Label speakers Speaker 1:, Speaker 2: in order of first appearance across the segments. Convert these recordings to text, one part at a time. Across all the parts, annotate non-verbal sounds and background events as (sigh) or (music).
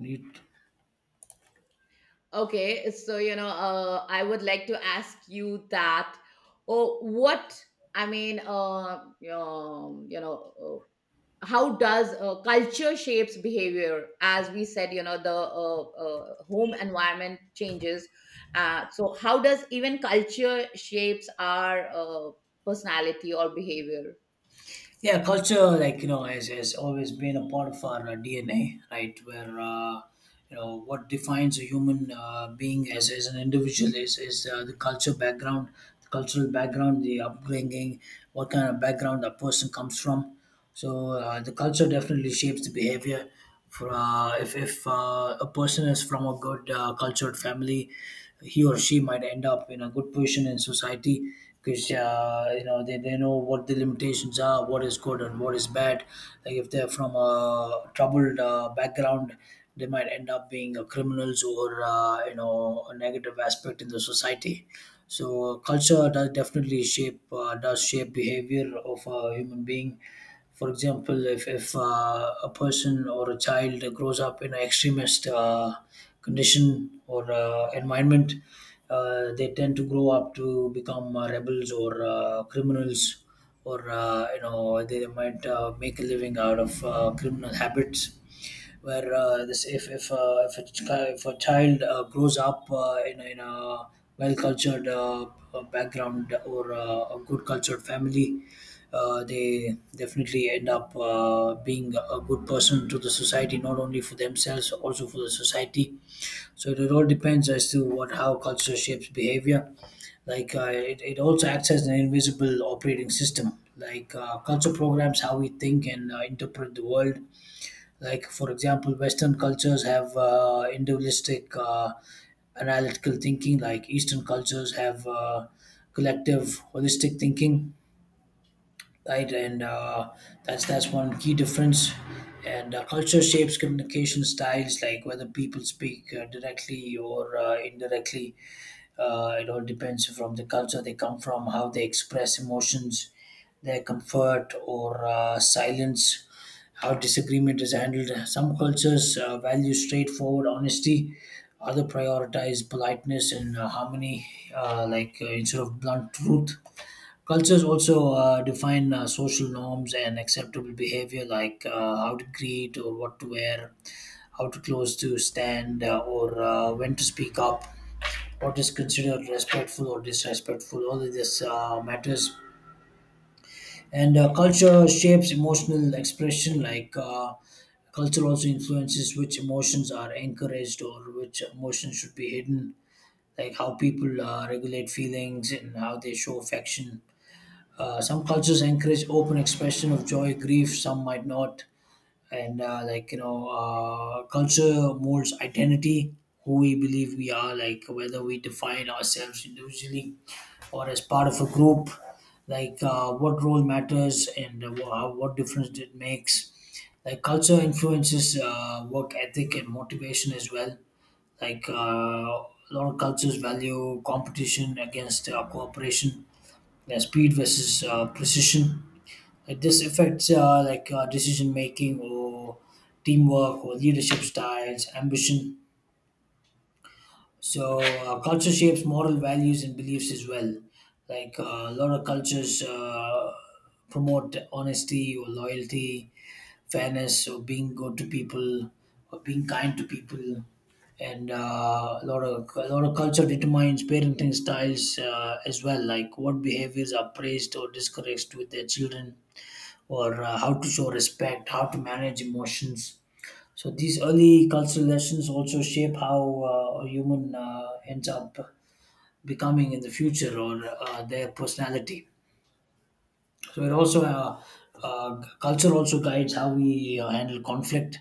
Speaker 1: Neat.
Speaker 2: Okay, so I would like to ask you that. Oh, what I mean, um, you know, how does culture shapes behavior? As we said, the home environment changes. So, how does even culture shapes our personality or behavior?
Speaker 1: Yeah, culture, like, you know, has always been a part of our DNA, right? Where what defines a human being as an individual is the culture background, the cultural background, the upbringing, what kind of background a person comes from. So the culture definitely shapes the behavior. For, if a person is from a good cultured family, he or she might end up in a good position in society because you know they know what the limitations are, what is good and what is bad. Like if they're from a troubled background, they might end up being criminals or you know a negative aspect in the society. So culture does definitely shape behavior of a human being. For example, if a person or a child grows up in an extremist condition or environment, they tend to grow up to become rebels or criminals, or you know they might make a living out of criminal habits where this if, a chi- if a child grows up in a well cultured background or a good cultured family, they definitely end up being a good person to the society, not only for themselves also for the society. So it all depends as to what how culture shapes behavior like it also acts as an invisible operating system like culture programs how we think and interpret the world like, for example, Western cultures have individualistic analytical thinking, like Eastern cultures have collective holistic thinking, right? And that's one key difference. And culture shapes communication styles, like whether people speak directly or indirectly. It all depends from the culture they come from, how they express emotions, their comfort or silence, how disagreement is handled. Some cultures value straightforward honesty, other prioritize politeness and harmony, instead of blunt truth. Cultures also define social norms and acceptable behavior, like how to greet or what to wear, how to close to stand, or when to speak up, what is considered respectful or disrespectful. All of this matters. And culture shapes emotional expression, like culture also influences which emotions are encouraged or which emotions should be hidden, like how people regulate feelings and how they show affection. Some cultures encourage open expression of joy, grief. Some might not, and culture molds identity, who we believe we are, like whether we define ourselves individually or as part of a group. Like what role matters and what difference it makes. Like culture influences work ethic and motivation as well. Like a lot of cultures value competition against cooperation, yeah, speed versus precision. Like this affects decision making or teamwork or leadership styles, ambition. So culture shapes moral values and beliefs as well. Like a lot of cultures promote honesty or loyalty, fairness, or being good to people, or being kind to people. And a lot of culture determines parenting styles as well, like what behaviors are praised or discouraged with their children, or how to show respect, how to manage emotions, so these early cultural lessons also shape how a human ends up becoming in the future or their personality. So it also culture also guides how we handle conflict.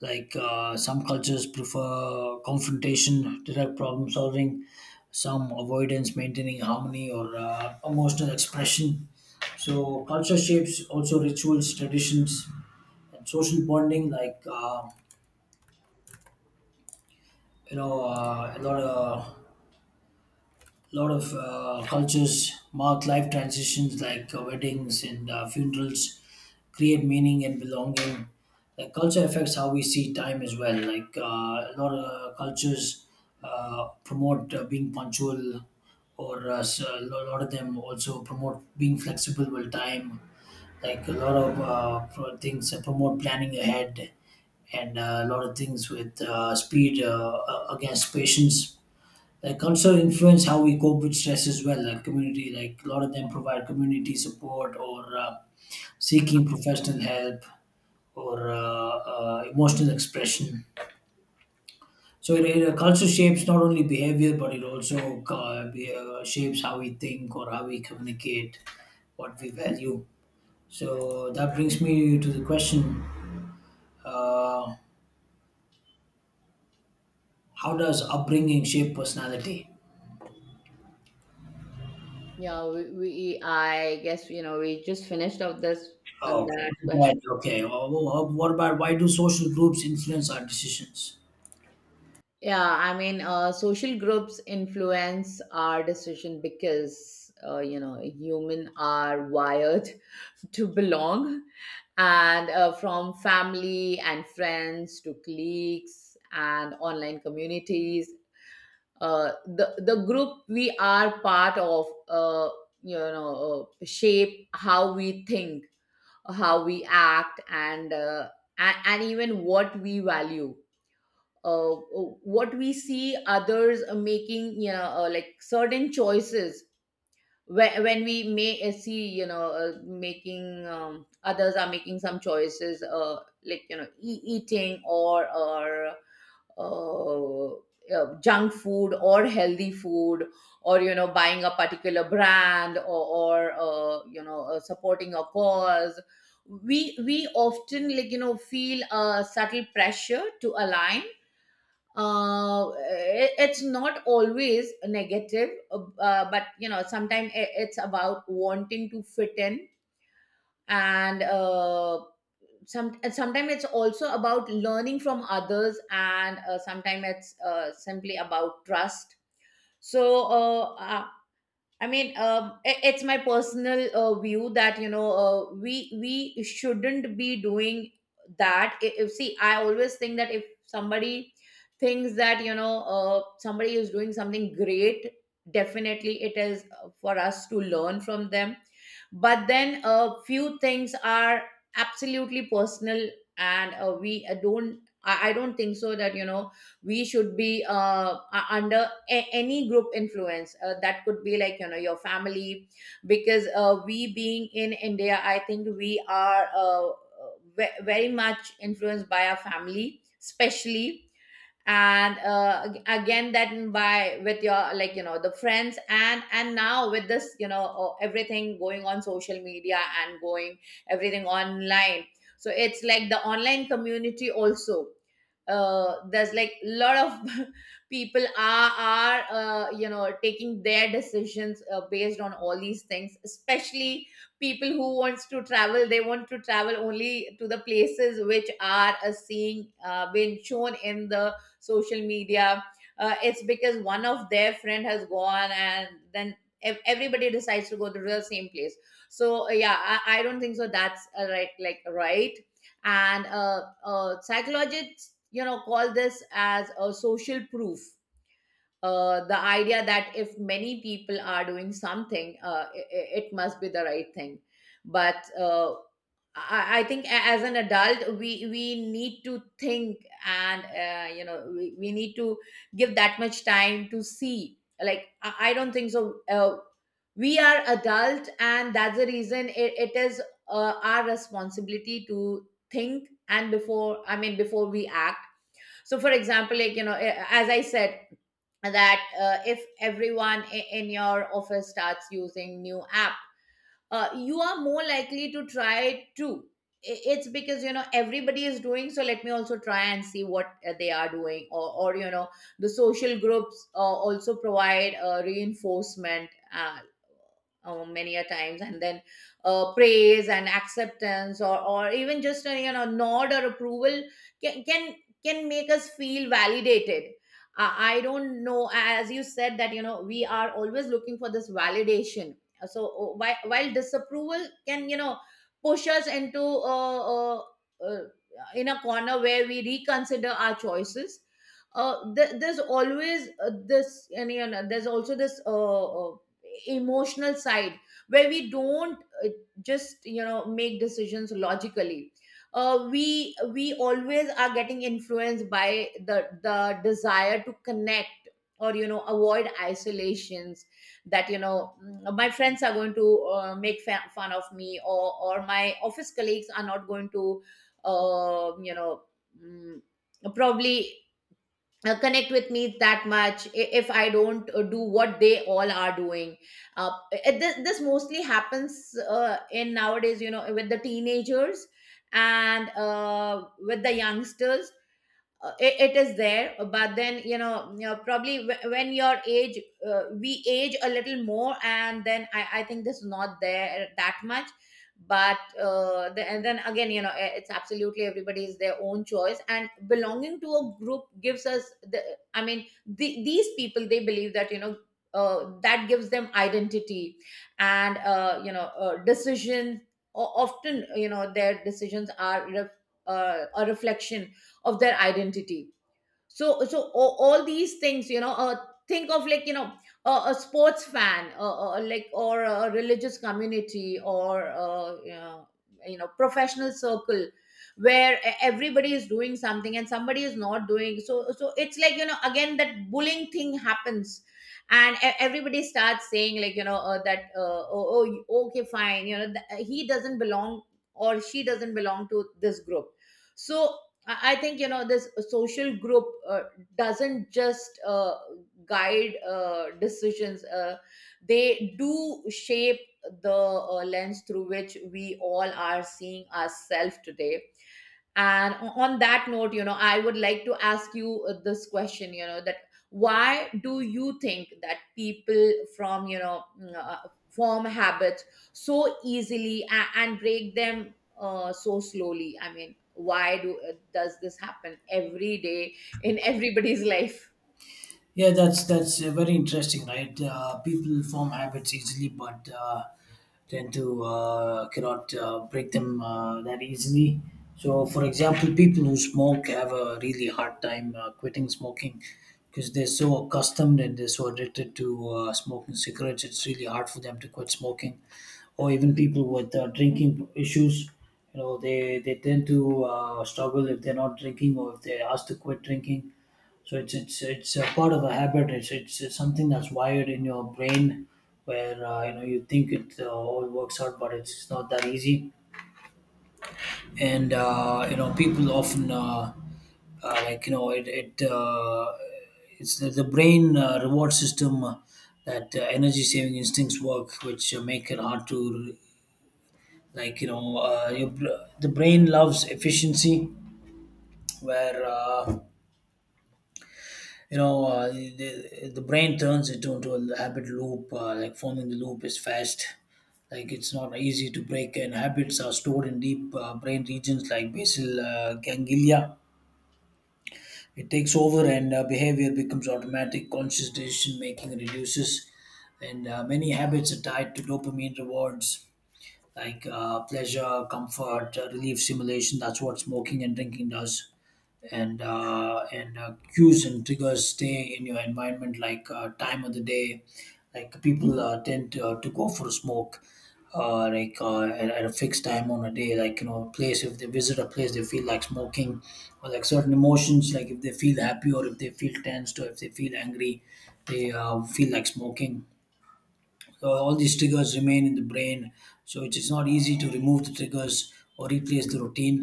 Speaker 1: Like some cultures prefer confrontation, direct problem solving, some avoidance, maintaining harmony, or emotional expression. So culture shapes also rituals, traditions, and social bonding like a lot of cultures mark life transitions like weddings and funerals, create meaning and belonging. Like culture affects how we see time as well, like a lot of cultures promote being punctual or lot of them also promote being flexible with time, like a lot of things promote planning ahead, and a lot of things with speed against patience. Like culture influence how we cope with stress as well, like community, like a lot of them provide community support or seeking professional help or emotional expression. So culture shapes not only behavior but it also shapes how we think or how we communicate, what we value. So that brings me to the question, uh, how does upbringing shape personality?
Speaker 2: Yeah, we, I guess we just finished up this and
Speaker 1: Oh,
Speaker 2: that
Speaker 1: right,
Speaker 2: question.
Speaker 1: okay. Well, what about, why do social groups influence our decisions?
Speaker 2: Yeah, I mean, social groups influence our decision because, human are wired (laughs) to belong. And from family and friends to cliques and online communities, the group we are part of, shape how we think, how we act, and, and even what we value. uh, what we see others making, like certain choices. When we may see, making others are making some choices, like, eating or uh, junk food or healthy food, or buying a particular brand, or supporting a cause. We often, like, feel a subtle pressure to align. It's not always negative, but sometimes it's about wanting to fit in, and sometimes it's also about learning from others, and sometimes it's simply about trust. So uh, I mean, it's my personal view that we shouldn't be doing that. If, see, I always think that if somebody thinks that somebody is doing something great, definitely it is for us to learn from them. But then a few things are absolutely personal, and we don't. I don't think so that we should be under any group influence, that could be like your family, because we being in India, I think we are very much influenced by our family especially. And again, that by with your, like, the friends, and now with this, everything going on social media and going everything online. So it's like the online community also, there's like a lot of (laughs) people are taking their decisions based on all these things, especially people who wants to travel, they want to travel only to the places which are seeing been shown in the social media. It's because one of their friend has gone, and then everybody decides to go to the same place. So yeah, I don't think so that's right, like, right. And psychologists, call this as a social proof, the idea that if many people are doing something, it must be the right thing. But I think, as an adult, we need to think, and we need to give that much time to see. Like, I don't think so, we are adult, and that's the reason, it is our responsibility to think, and before, I mean, before we act. So, for example, like, as I said, that if everyone in your office starts using new app, you are more likely to try it too. It's because everybody is doing so, let me also try and see what they are doing. Or, the social groups also provide reinforcement, many a times, and then praise and acceptance, or even just a, nod or approval can can, can make us feel validated. I don't know, as you said that we are always looking for this validation. So while disapproval can, push us into, uh, uh, in a corner where we reconsider our choices. There's always this, and there's also this uh, emotional side where we don't, uh, just make decisions logically. We always are getting influenced by the desire to connect, or avoid isolation. That, my friends are going to make fun of me, or my office colleagues are not going to, uh, you know mm, probably connect with me that much, if I don't do what they all are doing. This mostly happens, in nowadays, with the teenagers, and with the youngsters. It is there, but then probably, when your age, we age a little more, and then I think this is not there that much. But and then again, it's absolutely everybody's their own choice, and belonging to a group gives us the, I mean, these people, they believe that that gives them identity. And decisions, often, their decisions are a reflection of their identity. So all these things, think of, like, a sports fan, like, or a religious community, or professional circle, where everybody is doing something and somebody is not doing. So it's like, again, that bullying thing happens, and everybody starts saying, like, that oh, okay, fine, he doesn't belong, or she doesn't belong to this group. So I think, this social group doesn't just guide decisions. They do shape the lens through which we all are seeing ourselves today. And on that note, I would like to ask you this question, that why do you think that people from you know mm, form habits so easily and break them so slowly. I mean, why do does this happen every day in (laughs) everybody's life?
Speaker 1: Yeah, that's very interesting, right? People form habits easily, but tend to cannot break them that easily. So, for example, people who smoke have a really hard time quitting smoking because they're so accustomed and they're so addicted to smoking cigarettes. It's really hard for them to quit smoking, or even people with drinking issues. You know, they tend to struggle if they're not drinking or if they're asked to quit drinking, so it's a part of a habit. It's something that's wired in your brain, where you know you think it all works out, but it's not that easy. And you know people often uh, like you know it it uh, it's the brain reward system, that energy saving instincts work, which make it hard to, like you know, the brain loves efficiency, where you know the brain turns it into a habit loop, like forming the loop is fast, like it's not easy to break, and habits are stored in deep brain regions like basal ganglia. It takes over and behavior becomes automatic, conscious decision making reduces, and many habits are tied to dopamine rewards like pleasure, comfort, relief, simulation. That's what smoking and drinking does. And cues and triggers stay in your environment, like time of the day. Like people tend to go for a smoke, at a fixed time on a day. Like you know, a place if they visit a place, they feel like smoking, or like certain emotions. Like if they feel happy or if they feel tensed or if they feel angry, they feel like smoking, so all these triggers remain in the brain, so it is not easy to remove the triggers or replace the routine.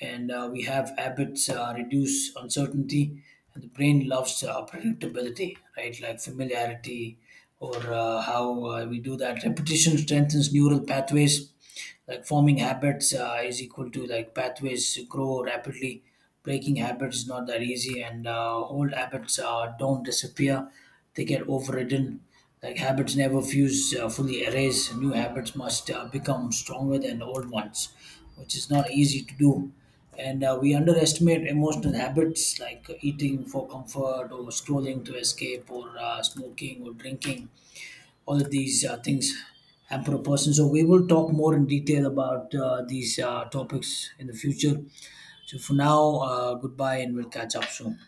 Speaker 1: And we have habits reduce uncertainty, and the brain loves predictability, right? Like familiarity, or how we do that. Repetition strengthens neural pathways, like forming habits is equal to like pathways grow rapidly. Breaking habits is not that easy, and old habits don't disappear, they get overridden. Like habits never fuse fully erase, new habits must become stronger than old ones, which is not easy to do. And we underestimate emotional habits like eating for comfort or scrolling to escape or smoking or drinking. All of these things hamper a person. So we will talk more in detail about these topics in the future. So for now, goodbye, and we'll catch up soon.